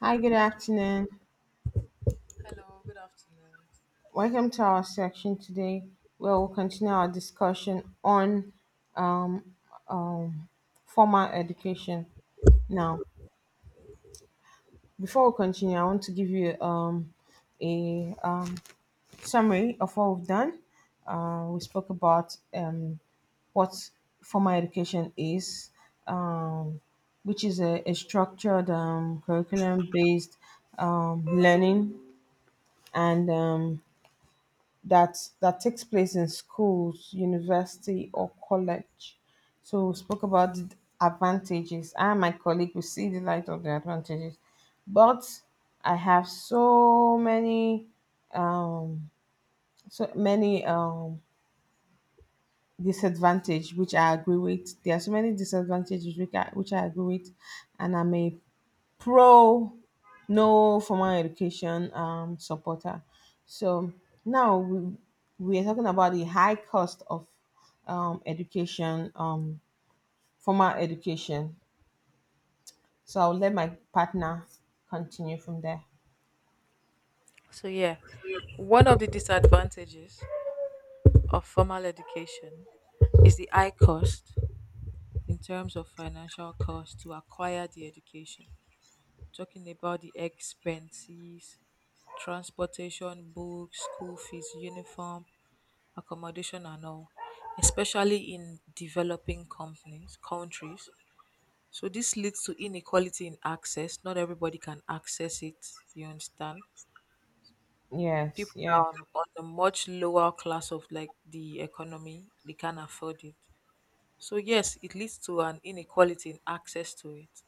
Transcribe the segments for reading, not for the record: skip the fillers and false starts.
Hi, good afternoon. Hello, good afternoon. Welcome to our section today where we'll continue our discussion on um, um, formal education. Now, before we continue, I want to give you a summary of what we've done. We spoke about what formal education is, um, which is a structured curriculum based learning and that takes place in schools, university, or college. So we spoke about the advantages. I and my colleague will see the light of the advantages, but I have so many, um, so many disadvantage which I agree with. There are so many disadvantages which I agree with, and I'm a pro no formal education supporter. So now we are talking about the high cost of education, formal education. So I'll let my partner continue from there. So, yeah, one of the disadvantages of formal education is the high cost in terms of financial cost to acquire the education. Talking about the expenses, transportation, books, school fees, uniform, accommodation, and all, especially in developing companies, countries. So, this leads to inequality in access. Not everybody can access it, you understand? Yes, People yeah, down on a much lower class of like the economy, they can't afford it, so yes, it leads to an inequality in access to it.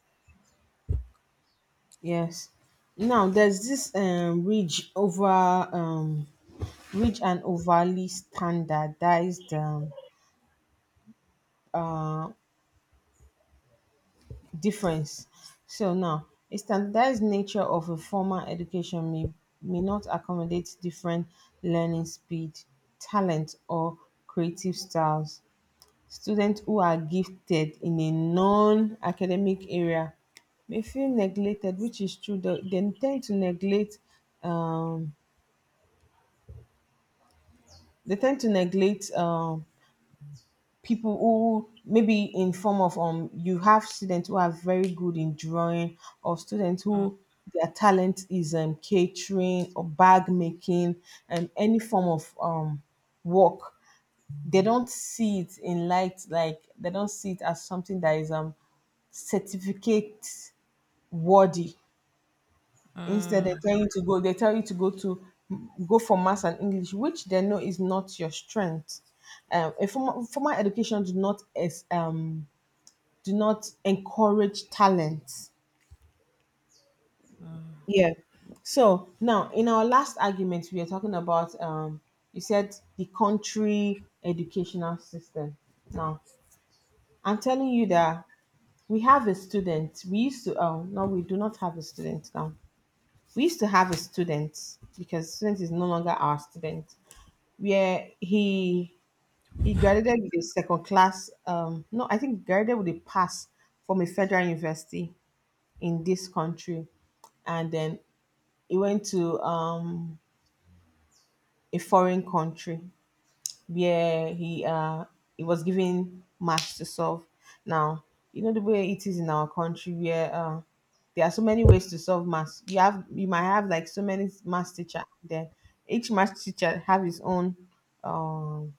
yes. Now there's this ridge over ridge and overly standardized uh, difference. So now, a standardized nature of a formal education may not accommodate different learning speed, talent, or creative styles. Students who are gifted in a non academic area may feel neglected, which is true. They tend to neglect. Um, they tend to neglect people who maybe in form of you have students who are very good in drawing, or students who their talent is catering or bag making and any form of work, they don't see it in light, like they don't see it as something that is certificate worthy. Instead they tell you to go they tell you to go for maths and English, which they know is not your strength. A formal education do not encourage talent. Yeah. So now, in our last argument, we were talking about you said the country educational system. Now, I'm telling you that we have a student. We used to, oh no, we do not have a student now. We used to have a student, because student is no longer our student. Where he graduated with a second class. No, I think graduated with a pass from a federal university in this country, and then he went to a foreign country where he was given maths to solve. Now you know the way it is in our country, where there are so many ways to solve maths. You have you might have like so many maths teacher. Then each maths teacher have his own um,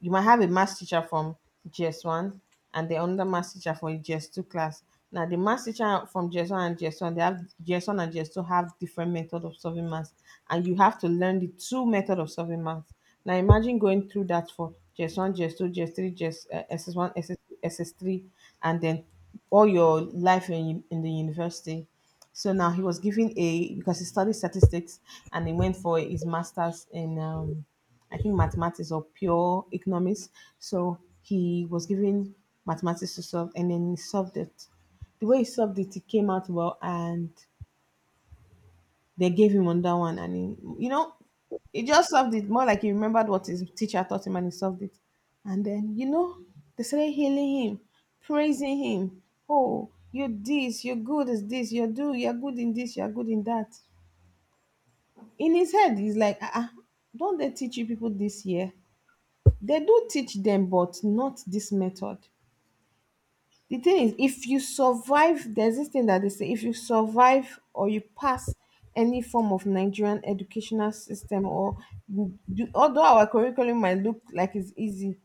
you might have a maths teacher from GS one and then another maths teacher for GS two class. Now the maths teacher from GS one and GS one, they have GS one and GS two have different method of solving maths, and you have to learn the two method of solving maths. Now imagine going through that for GS one, GS two, GS three, GS SS one, SS three, and then all your life in the university. So now he was given a because he studied statistics, and he went for his masters in I think mathematics or pure economics. So he was given mathematics to solve and then he solved it. The way he solved it, it came out well, and they gave him on that one, and he just solved it, more like he remembered what his teacher taught him and he solved it. And then, they started healing him, praising him. Oh, you're this, you're good as this, you're good in this, you're good in that. In his head, he's like, ah, ah, don't they teach you people this year? They do teach them, but not this method. The thing is, if you survive, there's this thing that they say, if you survive or you pass any form of Nigerian educational system, or although our curriculum might look like it's easy,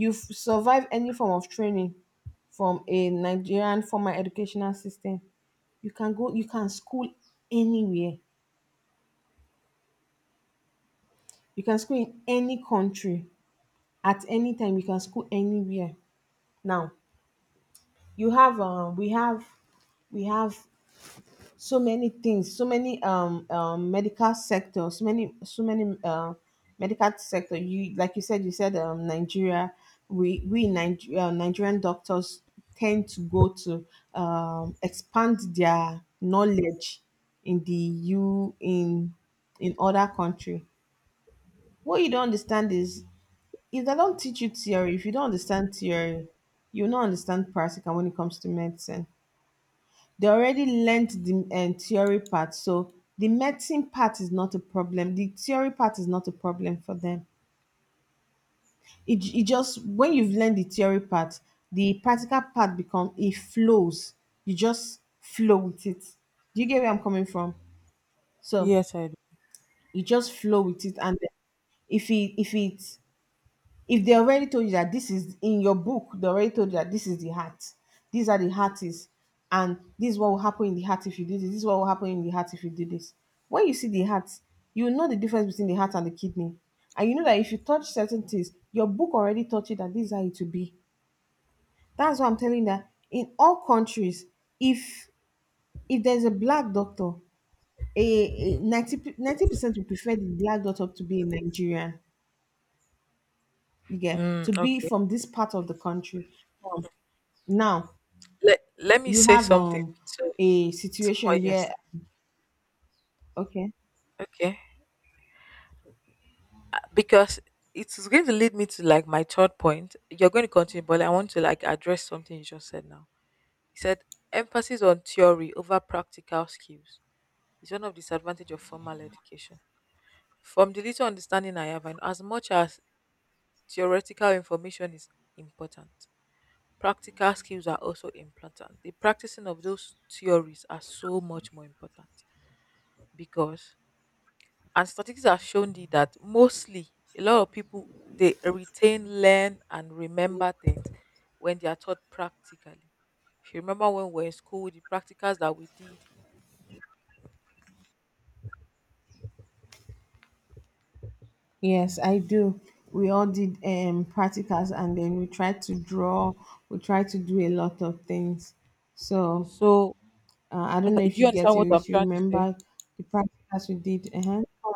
survive any form of training from a Nigerian formal educational system, you can school anywhere. You can school in any country at any time. You can school anywhere. Now you have we have we have so many things, so many medical sector, so many medical sector. You said Nigeria, Nigerian doctors tend to go to expand their knowledge in the u in other country. What you don't understand is, if they don't teach you theory, if you don't understand theory, you will not understand practical when it comes to medicine. They already learned the theory part, so the medicine part is not a problem, the theory part is not a problem for them. It just, when you've learned the theory part, the practical part become, it flows, you just flow with it. Do you get where I'm coming from? So Yes, I do. you just flow with it, and then, if it if it if they already told you that this is in your book, they already told you that this is the heart. These are the heart is, and this is what will happen in the heart if you do this. This is what will happen in the heart if you do this. When you see the heart, you know the difference between the heart and the kidney, and you know that if you touch certain things, your book already taught you that this is how it will be. That's why I'm telling you that in all countries, if if there's a black doctor, a 90 ninety percent would prefer the black doctor to be a Nigerian, you get, Mm, to be okay. from this part of the country. Now, Let me you say have something to, a to situation what you're where. saying. Okay. Okay, because it's going to lead me to like my third point you're going to continue, but I want to like address something you just said now. You said emphasis on theory over practical skills is one of the disadvantage of formal education. From the little understanding I have, and as much as theoretical information is important. Practical skills are also important. The practicing of those theories are so much more important because, and statistics have shown that mostly a lot of people they retain, learn, and remember things when they are taught practically. If you remember when we were in school, the practicals that we did. Yes, I do. We all did practicals, and then we tried to draw, we tried to do a lot of things. So, So, I don't know okay, if do you you get understand what it, I'm if you trying to say? remember the practicals we did. Uh-huh.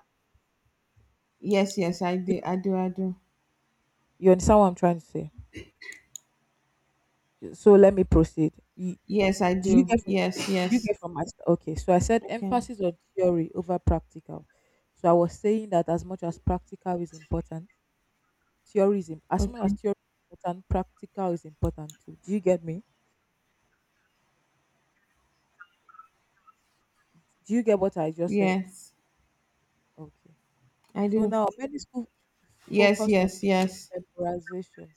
Yes, yes, I did. I do, I do. You understand what I'm trying to say? So let me proceed. Yes, I Do you do. get from Yes, do you yes. get from Okay? So I said Okay. emphasis on theory over practical. So I was saying that as much as practical is important, as much as Okay. theory is important, practical is important too. Do you get me? Do you get what I just said? Yes, Okay. I So do. now many schools Yes, focus on yes, yes. memorization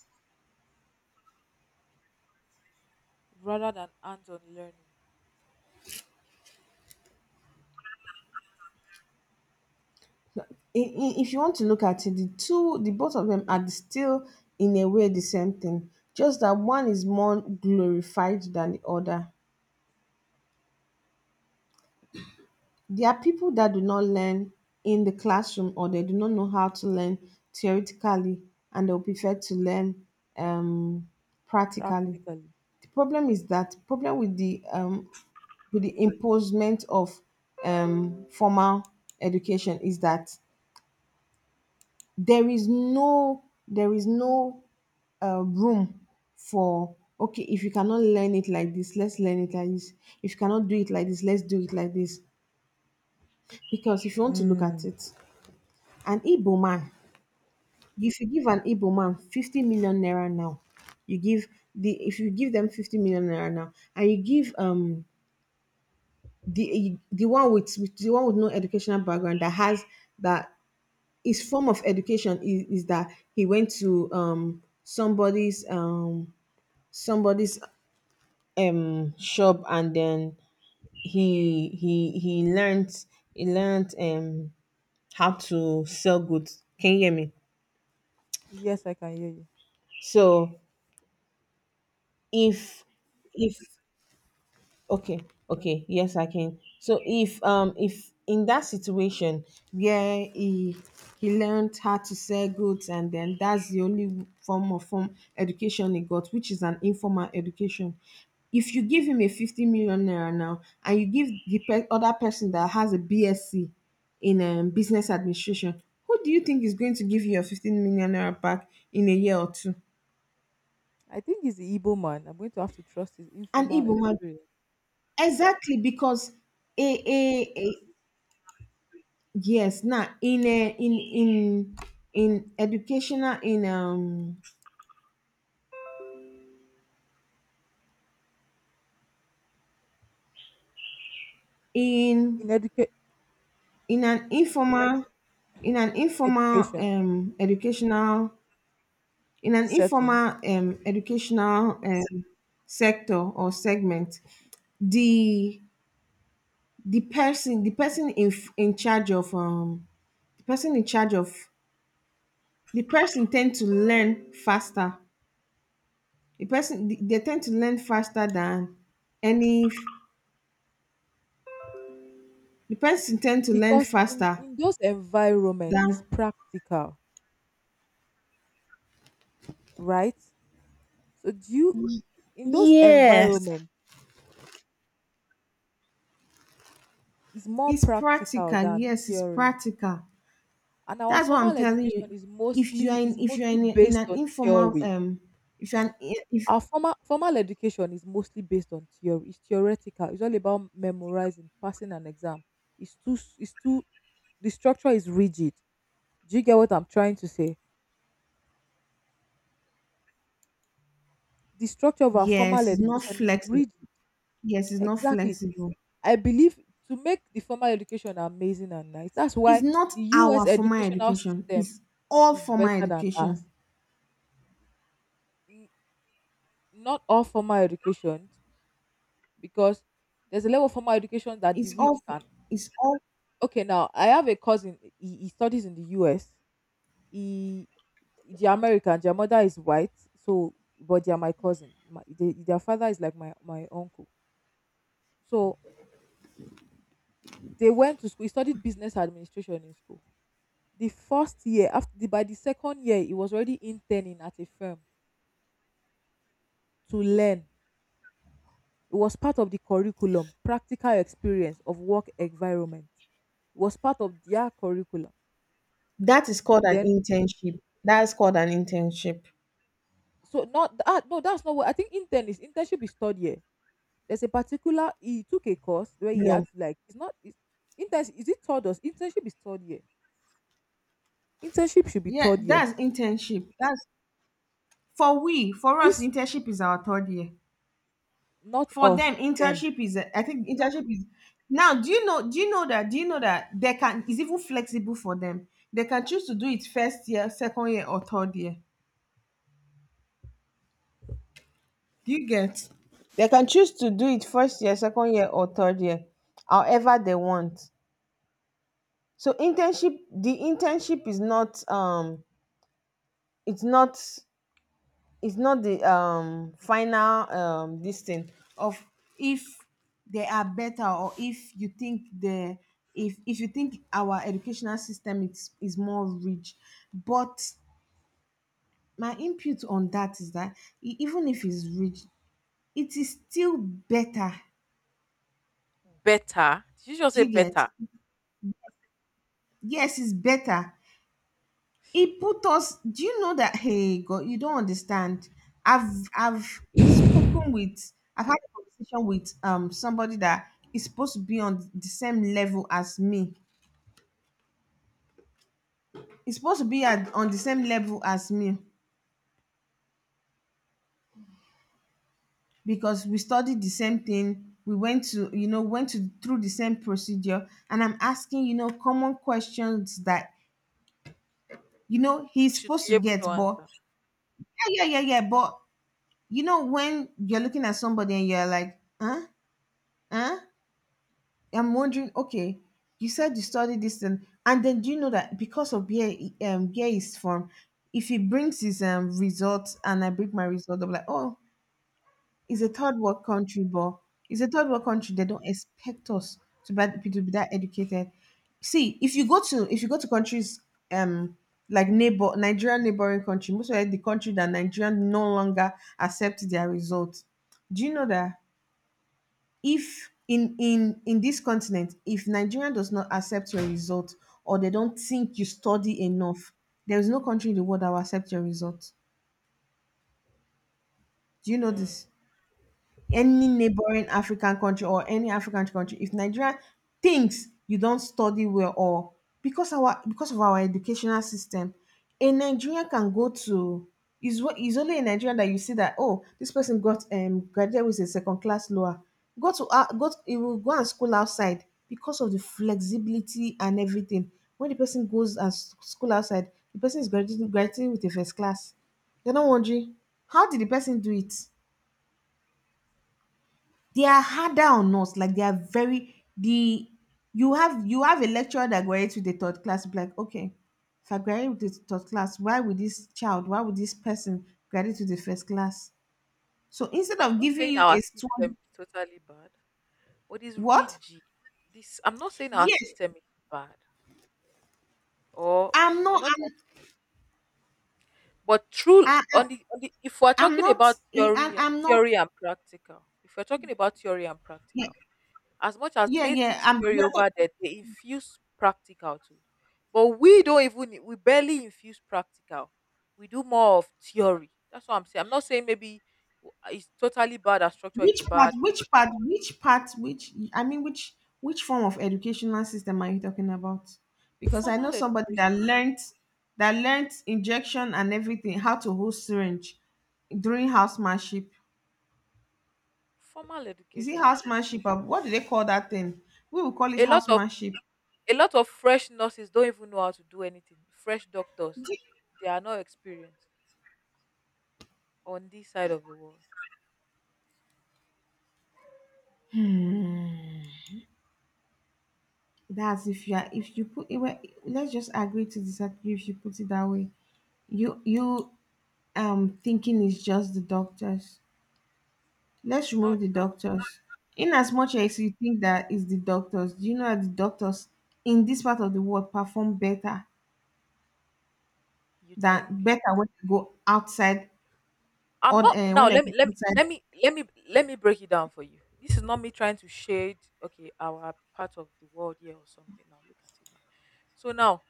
rather than hands-on learning If you want to look at it, the two, the both of them are still in a way the same thing, just that one is more glorified than the other. There are people that do not learn in the classroom, or they do not know how to learn theoretically, and they'll prefer to learn um, practically. practically. The problem is that problem with the imposement of formal education is that there is no room for. Okay, if you cannot learn it like this, let's learn it like this. If you cannot do it like this, let's do it like this. Because if you want to look at Mm. it, an Igbo man, if you give an Igbo man 50 million naira now, you give the if you give them 50 million naira now, and you give the one with the one with no educational background, that has that, his form of education is that he went to somebody's somebody's shop, and then he he he learned he learned how to sell goods. Can you hear me? Yes, I can hear you. So if if okay, okay, yes, I can. So if in that situation, where he learned how to sell goods, and then that's the only form of form education he got, which is an informal education. If you give him a 50 million naira now, and you give the other person that has a BSc in business administration, who do you think is going to give you your 15 million naira back in a year or two? I think he's the Igbo man. I'm going to have to trust his An informal Igbo man. experience Exactly, because a yes, now in educational in um in in in an informal in an informal education educational in an informal settings, um educational um sector or segment, the the person in charge of the person in charge of the person tend to learn faster, the person they tend to learn faster than any. The person tend to learn because in, faster in those environments it's than. practical, right? So do you In those Yes. environments it's more It's practical practical. than Yes, it's theory. practical. And our That's what I'm formal telling education you. is If you mostly are in, is mostly in based an on informal, theory. If you're an, if Our formal education is mostly based on theory. It's theoretical. It's all about memorizing, passing an exam. It's too s- it's too The structure is rigid. Do you get what I'm trying to say? The structure of our formal yes, it's not education is flexible. rigid. Yes, it's not Exactly. flexible. I believe, to make the formal education amazing and nice, that's It's why not the our US formal educational education. system It's all is formal better than education. us. N- Not all formal education, because there's a level of formal education that the It's all. rich can. It's all. Okay, now I have a cousin. He studies in the U.S. He, the American. Their mother is white, so but they are my cousin. Their father is like my uncle. So they went to school. He studied business administration in school. The first year, by the second year, he was already interning at a firm to learn. It was part of the curriculum, practical experience of work environment. It was part of their curriculum. That is called an Then internship. That's called an internship. So not ah no, that's not what I think. Internship is third year. There's a particular, he took a course where he No. had to like it's not it's, intern, is it third? Or internship is third year? Internship should be Yeah, third year. that's internship. That's For we, for us, This, internship is our third year. not For us, them, them. internship is I think internship is now. Do you know? Do you know that? Do you know that they can is even flexible for them. They can choose to do it first year, second year, or third year. Do you get? They can choose to do it first year, second year, or third year, however they want. So internship, the internship is not it's not it's not the final this thing of if they are better, or if you think the if you think our educational system is more rich. But my input on that is that even if it's rich, it is still better. Better. Did you just Do say you get? better? Yes, it's better. She you It put us. Do you know that? Hey, God, you don't understand. I've spoken with. I've had a conversation with somebody that is supposed to be on the same level as me. It's supposed to be on the same level as me, because we studied the same thing. We went to you know went to through the same procedure, and I'm asking, common questions that, he's should supposed be to able get. to But answer. yeah, but when you're looking at somebody and you're like, huh, huh, I'm wondering, okay, you said you studied this, and then, do you know that because of where he's from, if he brings his results and I bring my result, I'm like, oh, it's a third world country. But it's a third world country. They don't expect us to be that educated. See, if you go to countries, um like neighbor Nigerian neighboring country, most of the country that Nigerian no longer accept their results. Do you know that if in this continent, if Nigeria does not accept your result, or they don't think you study enough, there is no country in the world that will accept your result? Do you know this? Any neighboring African country or any African country, if Nigeria thinks you don't study well, or because of our educational system, a Nigerian can go to. Is what is only in Nigeria that you see that, oh, this person got graduated with a second class lower. He will go and school outside because of the flexibility and everything. When the person goes and school outside, the person is graduating with a first class. They're not wondering how did the person do it. They are harder on us. Like, they are very the you have a lecturer that graduates with the third class, be like, okay, if I graduate with the third class, why would this child why would this person graduate with the first class? So instead I'm of not giving saying you our a system stone. is totally bad, but it's What? rigid. This I'm not saying our Yes. system is bad. Or i'm I'm not not i'm But true I, i'm on the, if we're I'm talking not. about theory I'm not. theory and practical, if we're talking about theory and Yeah, practical, as much as yeah, they yeah, teach I'm theory yeah. over there, they infuse practical too. But we don't even we barely infuse practical. We do more of theory. That's what I'm saying. I'm not saying, maybe it's totally bad. Our structure is bad. Which part? Which I mean, which form of educational system are you talking about? Because I know Formal somebody education. That learnt injection and everything, how to hold syringe during housemanship. Formal Is it education, of course. housemanship? Or what do they call that thing? We will call it A lot of housemanship. a lot of fresh nurses don't even know how to do anything. Fresh doctors, they are not experienced on this side of the world. That's if you put it well. Let's just agree to disagree if you put it that way. You thinking is just the doctors. Let's not remove the just doctors. In as much as you think that is the doctors, do you know that the doctors in this part of the world perform better you than think better when they go outside, i'm or not now when they go outside? Let me break it down for you. This is not me trying to shade, okay, our part of the world here or something. Now look at it now. So now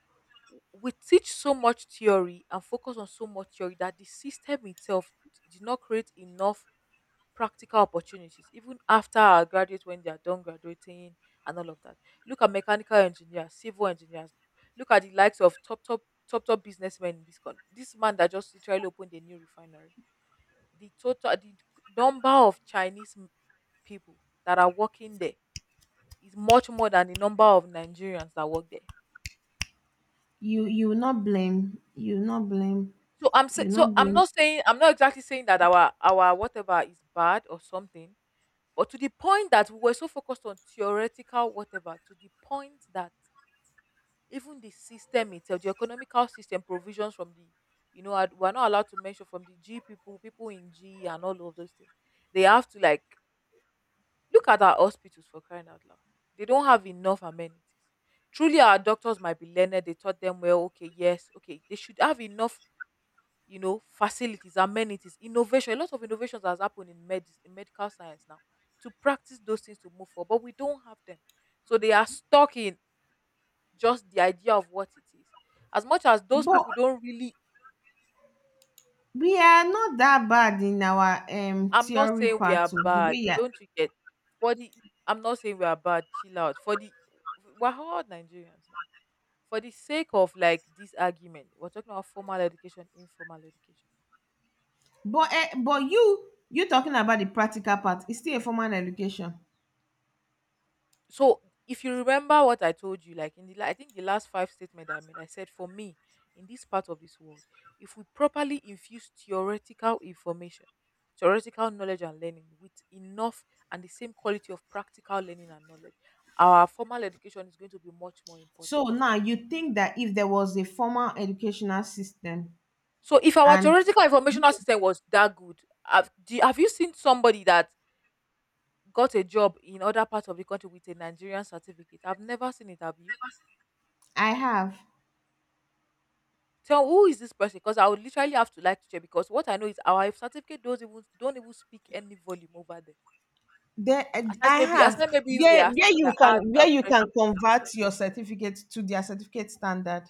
we teach so much theory and focus on so much theory that the system itself did not create enough practical opportunities even after our graduates when they are done graduating and all of that. Look at mechanical engineers, civil engineers. Look at the likes of top, top, top, top businessmen in this country. This man that just literally opened a new refinery, the number of Chinese people that are working there is much more than the number of Nigerians that work there. You you will not blame you will not blame So I'm say, you will so not blame, I'm not exactly saying that our whatever is bad or something, but to the point that we were so focused on theoretical whatever, to the point that even the system itself, the economical system provisions from the, we're not allowed to mention, from the G people, people in G and all of those things. They have to like look at our hospitals for crying out loud. They don't have enough amenities. Truly, our doctors might be learned. They taught them well. Okay, yes, okay, they should have enough, facilities, amenities, innovation. A lot of innovations has happened in medical science now, to practice those things to move forward, but we don't have them. So they are stuck in just the idea of what it is. As much as those but people don't really. we are not that bad in our I'm not theory saying we part are of the bad, way. Yeah, don't you get? For the I'm not saying we are bad, chill out. For the we're all Nigerians now. For the sake of like this argument, we're talking about formal education, informal education. but you talking about the practical part? It's still a formal education. So if you remember what I told you, like I think the last five statement I made, I said for me, in this part of this world, if we properly infuse theoretical information, theoretical knowledge and learning with enough and the same quality of practical learning and knowledge, our formal education is going to be much more important. So now you think that if there was a formal educational system, So if our and theoretical informational wait, system was that good, have you seen somebody that got a job in other parts of the country with a Nigerian certificate? I've never seen it, have you? I have Tell, who is this person? Because I would literally have to like to check, because what I know is our certificate doesn't even don't even speak any volume over there. there, Aside I maybe, have we are, where we are hard, we are you can pressure. convert your certificate to their certificate standard.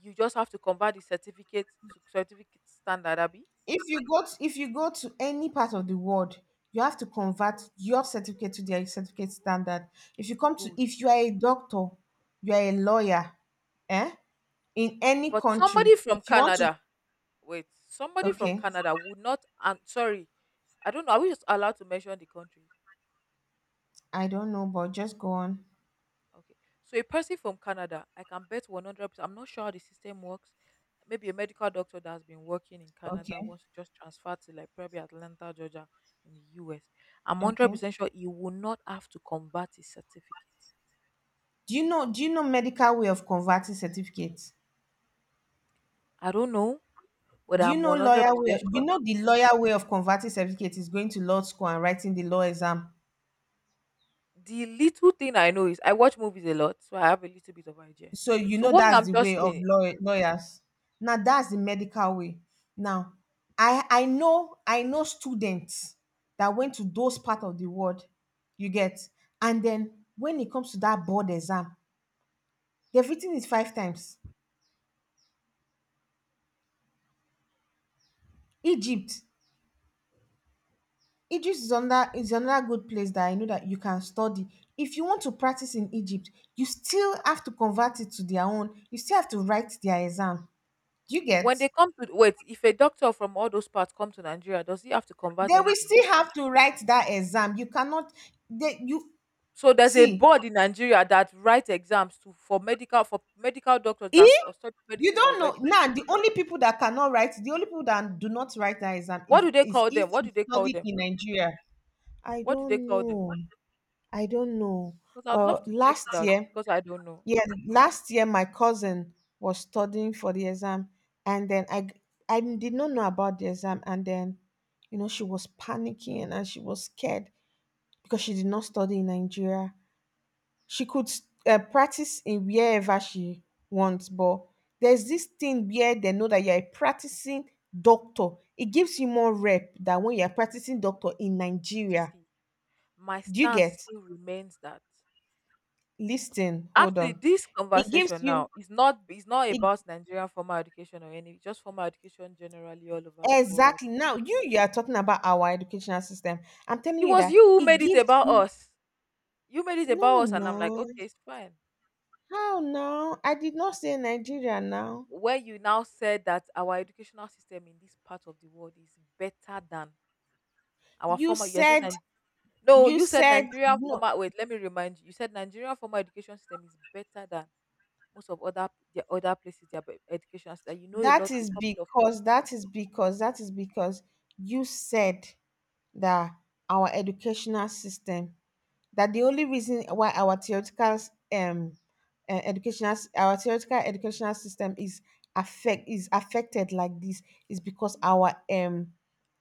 You just have to convert the certificate to certificate standard, Abby. If you go to any part of the world, you have to convert your certificate to their certificate standard. Good. If you are a doctor, you are a lawyer, eh? In any But somebody country, from if you want to. Canada, wait, somebody from Okay, Canada would not. I'm sorry, I don't know. Are we just allowed to mention the country? I don't know, but just go on. Okay. So a person from Canada, I can bet 100%. I'm not sure how the system works. Maybe a medical doctor that has been working in Canada Okay. wants to just transfer to like probably Atlanta, Georgia in the U. Am Okay. 100% sure he will not have to convert his certificate. Do you know medical way of converting certificates? I don't know, but I'm 100% Do sure. you know the lawyer way of converting certificate is going to law school and writing the law exam. The little thing I know is I watch movies a lot, so I have a little bit of idea. So you So know what me, that's I'm the way just of saying, law, lawyers. Now that's the medical way. Now I know students that went to those part of the world. You get? And then when it comes to that board exam, they've written it five times. egypt Egypt is another good place that I know that you can study. If you want to practice in Egypt, you still have to convert it to their own. You still have to write their exam. Do you get? when they come to wait, if a doctor from all those parts come to Nigeria, does he have to convert They will anything? still have to write that exam. You cannot. You So there's a see, board in Nigeria that writes exams to for medical doctors that if study you medicine don't know already. now, the only people that cannot write, the only people that do not write that exam What is do they is call if them? What you do they call study them? in Nigeria. I What do they don't call them? know. I don't know. Because I'd love But to check last it out year, because I don't know. yeah, last year my cousin was studying for the exam, and then I did not know about the exam, and then she was panicking and she was scared because she did not study in Nigeria. She could practice in wherever she wants, but there's this thing where they know that you're a practicing doctor. It gives you more rep than when you're practicing doctor in Nigeria. See, my Do you stance get? still remains that Listen, hold actually on. this It gives conversation you now is not it about Nigerian formal education or any just formal education generally all over the world. Exactly. Now you are talking about our educational system. I'm telling It you was that you who it made it gives about you. us. You made it No, about us, and no. I'm like, okay, it's fine. How now? I did not say Nigeria now. Where you now said that our educational system in this part of the world is better than our You former, you're saying said Nig-. No, you you said said. Nigerian No. former, wait, let me remind you, you said Nigerian former education system is better than most of other, the other places their education system. You know a lot, a couple of, That is because you said that our educational system, that the only reason why our theoretical um our theoretical educational system is affected like this, is because our um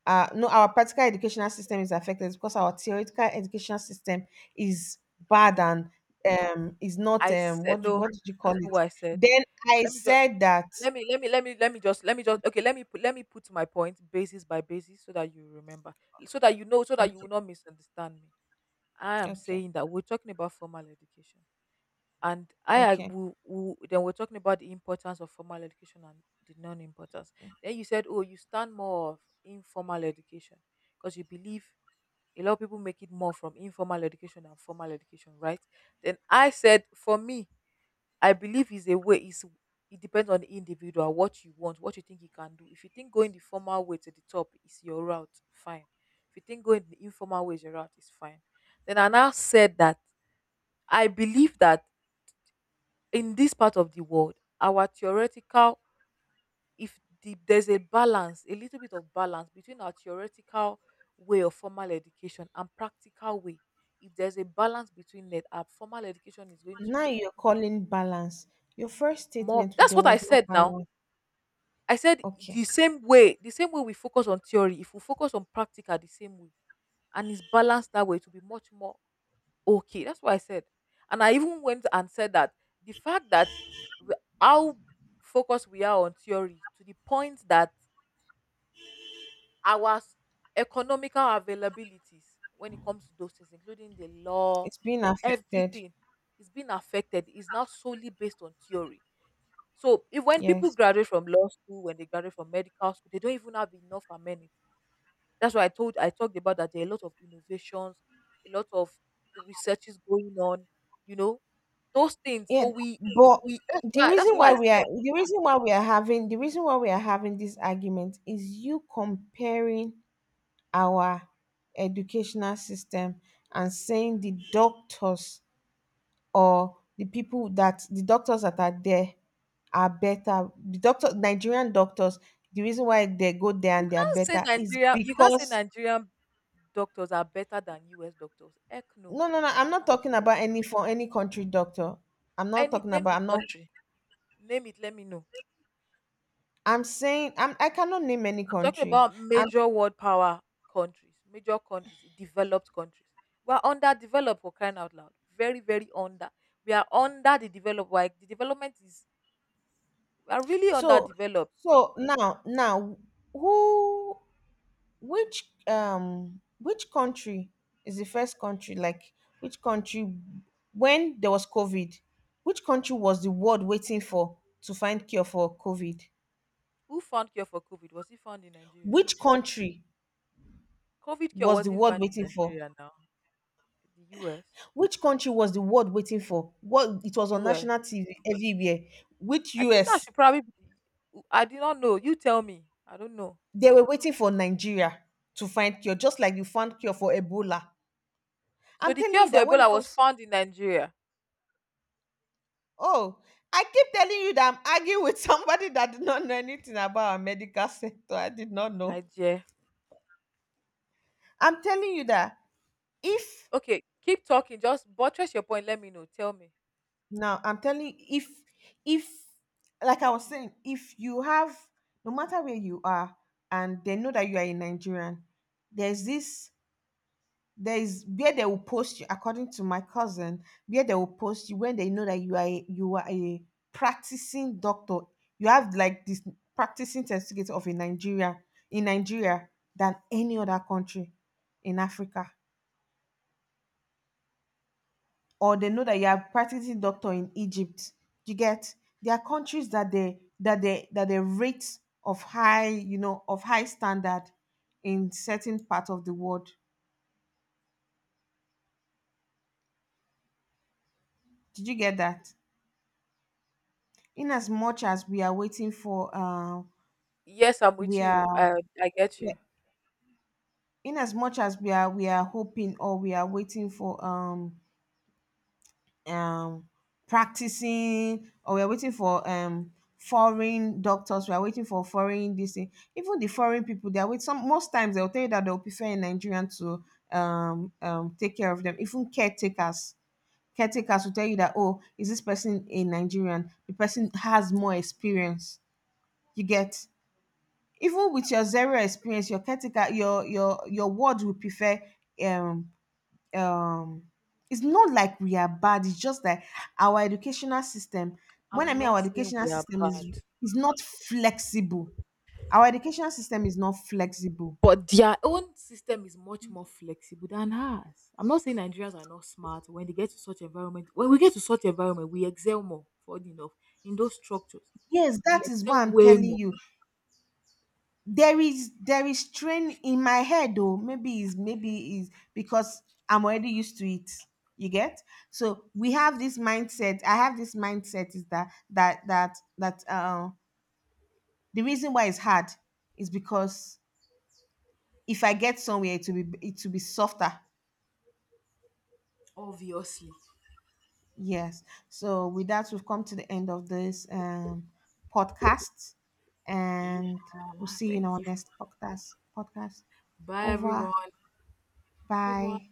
uh, no, our practical educational system is affected is because our theoretical educational system is bad no, and is not I said what no, what did you call that's it. not what I said. Then I Let me just, said that. let me let me let me let me just okay, let me put my point basis by basis, so that you remember, so that you know, so that you will Okay. not misunderstand me. I am Okay. saying that we're talking about formal education, and I ag- Okay. We, then we're talking about the importance of formal education and the non-importance. Then you said, oh, you stand more of informal education because you believe a lot of people make it more from informal education than formal education, right? Then I said, for me, I believe is a way is it depends on the individual, what you want, what you think you can do. If you think going the formal way to the top is your route, fine. If you think going the informal way is your route, it's fine. Then I now said that I believe that in this part of the world, our theoretical, if the, there's a balance, a little bit of balance between our theoretical way of formal education and practical way, if there's a balance between that, our formal education is going to Now you're calling balance. Your first more. statement That's there what I was no said now. balance. I said Okay. The same way we focus on theory, if we focus on practical the same way, and it's balanced that way, to be much more okay. That's what I said. And I even went and said that the fact that we- how focused we are on theory, to the point that our s- economical availabilities, when it comes to those things, including the law, It's been affected. everything is being affected, is now solely based on theory. So if, when people Yes. graduate from law school, when they graduate from medical school, they don't even have enough amenities, that's why I talked about that there are a lot of innovations, a lot of researches going on, you know, those things. So Yeah. we But we that's why that's why I said, the reason why we are having this argument is you comparing our educational system and saying the doctors, or the people that the doctors that are there are better. The doctor Nigerian doctors, the reason why they go there and they are better is you can't say because. Nigerian doctors are better than US doctors. Heck no, No, no, no, you I'm not cannot talking say that. about any country doctor. I'm not Any talking name about the I'm not country. Name it, let me know. I'm saying I'm I cannot name any I'm talking country. about And major world power countries, major countries, developed countries. We are underdeveloped for crying out loud. Very, very under. We are under the developed. Like the development is are really so underdeveloped. so now who which country is the first country, like which country, when there was COVID, which country was the world waiting for to find cure for COVID? Who found cure for COVID? Was it found in Nigeria? Which country COVID cure was the wasn't world found in waiting for? Nigeria now. The US. Which country was the world waiting for? What it was on US. national TV everywhere. Which I think that US? should probably be I did not know. You tell me. I don't know. They were waiting for Nigeria to find cure, just like you found cure for Ebola. So I'm the telling cure you for that when it Ebola was comes, found in Nigeria. oh, I keep telling you that I'm arguing with somebody that did not know anything about our medical sector. I did not know. My dear. I'm telling you that if, Okay, keep talking. Just buttress your point. Let me know. Tell me. now I'm telling you, if like I was saying, if you have, no matter where you are, and they know that you are a Nigerian, there's this there is where they will post you. According to my cousin, where they will post you when they know that you are you are a practicing doctor, you have like this practicing certificate of a Nigeria in Nigeria than any other country in Africa, or they know that you are practicing doctor in Egypt. You get? There are countries that they rate of high, of high standard in certain part of the world. Did you get that? In as much as we are waiting for Yes, I'm with we are, you. I get yeah, you. in as much as we are hoping or we are waiting for um practicing, or we are waiting for foreign doctors, we are waiting for foreign this thing. Even the foreign people they are with some most times they'll tell you that they'll prefer a Nigerian to take care of them. Even caretakers will tell you that, oh, is this person a Nigerian? The person has more experience. You get? Even with your zero experience, your caretaker, your word will prefer um um it's not like we are bad. It's just like our educational system, when I I'm mean our not saying educational we are system bad, is not flexible. Our educational system is not flexible. but their own system is much more flexible than ours. I'm not saying Nigerians are not smart. When they get to such environment, when we get to such environment, we excel more. Funny enough, in those structures, Yes, we that is what excel I'm way telling more. you. There is strain in my head, though. Maybe is, maybe is because I'm already used to it. You get? So we have this mindset, I have this mindset, is that that the reason why it's hard is because if I get somewhere, it will be softer. Obviously, Yes. So with that, we've come to the end of this podcast. yeah. And we'll see you in Thank our you. next podcast. podcast Bye, Over. everyone. Over. bye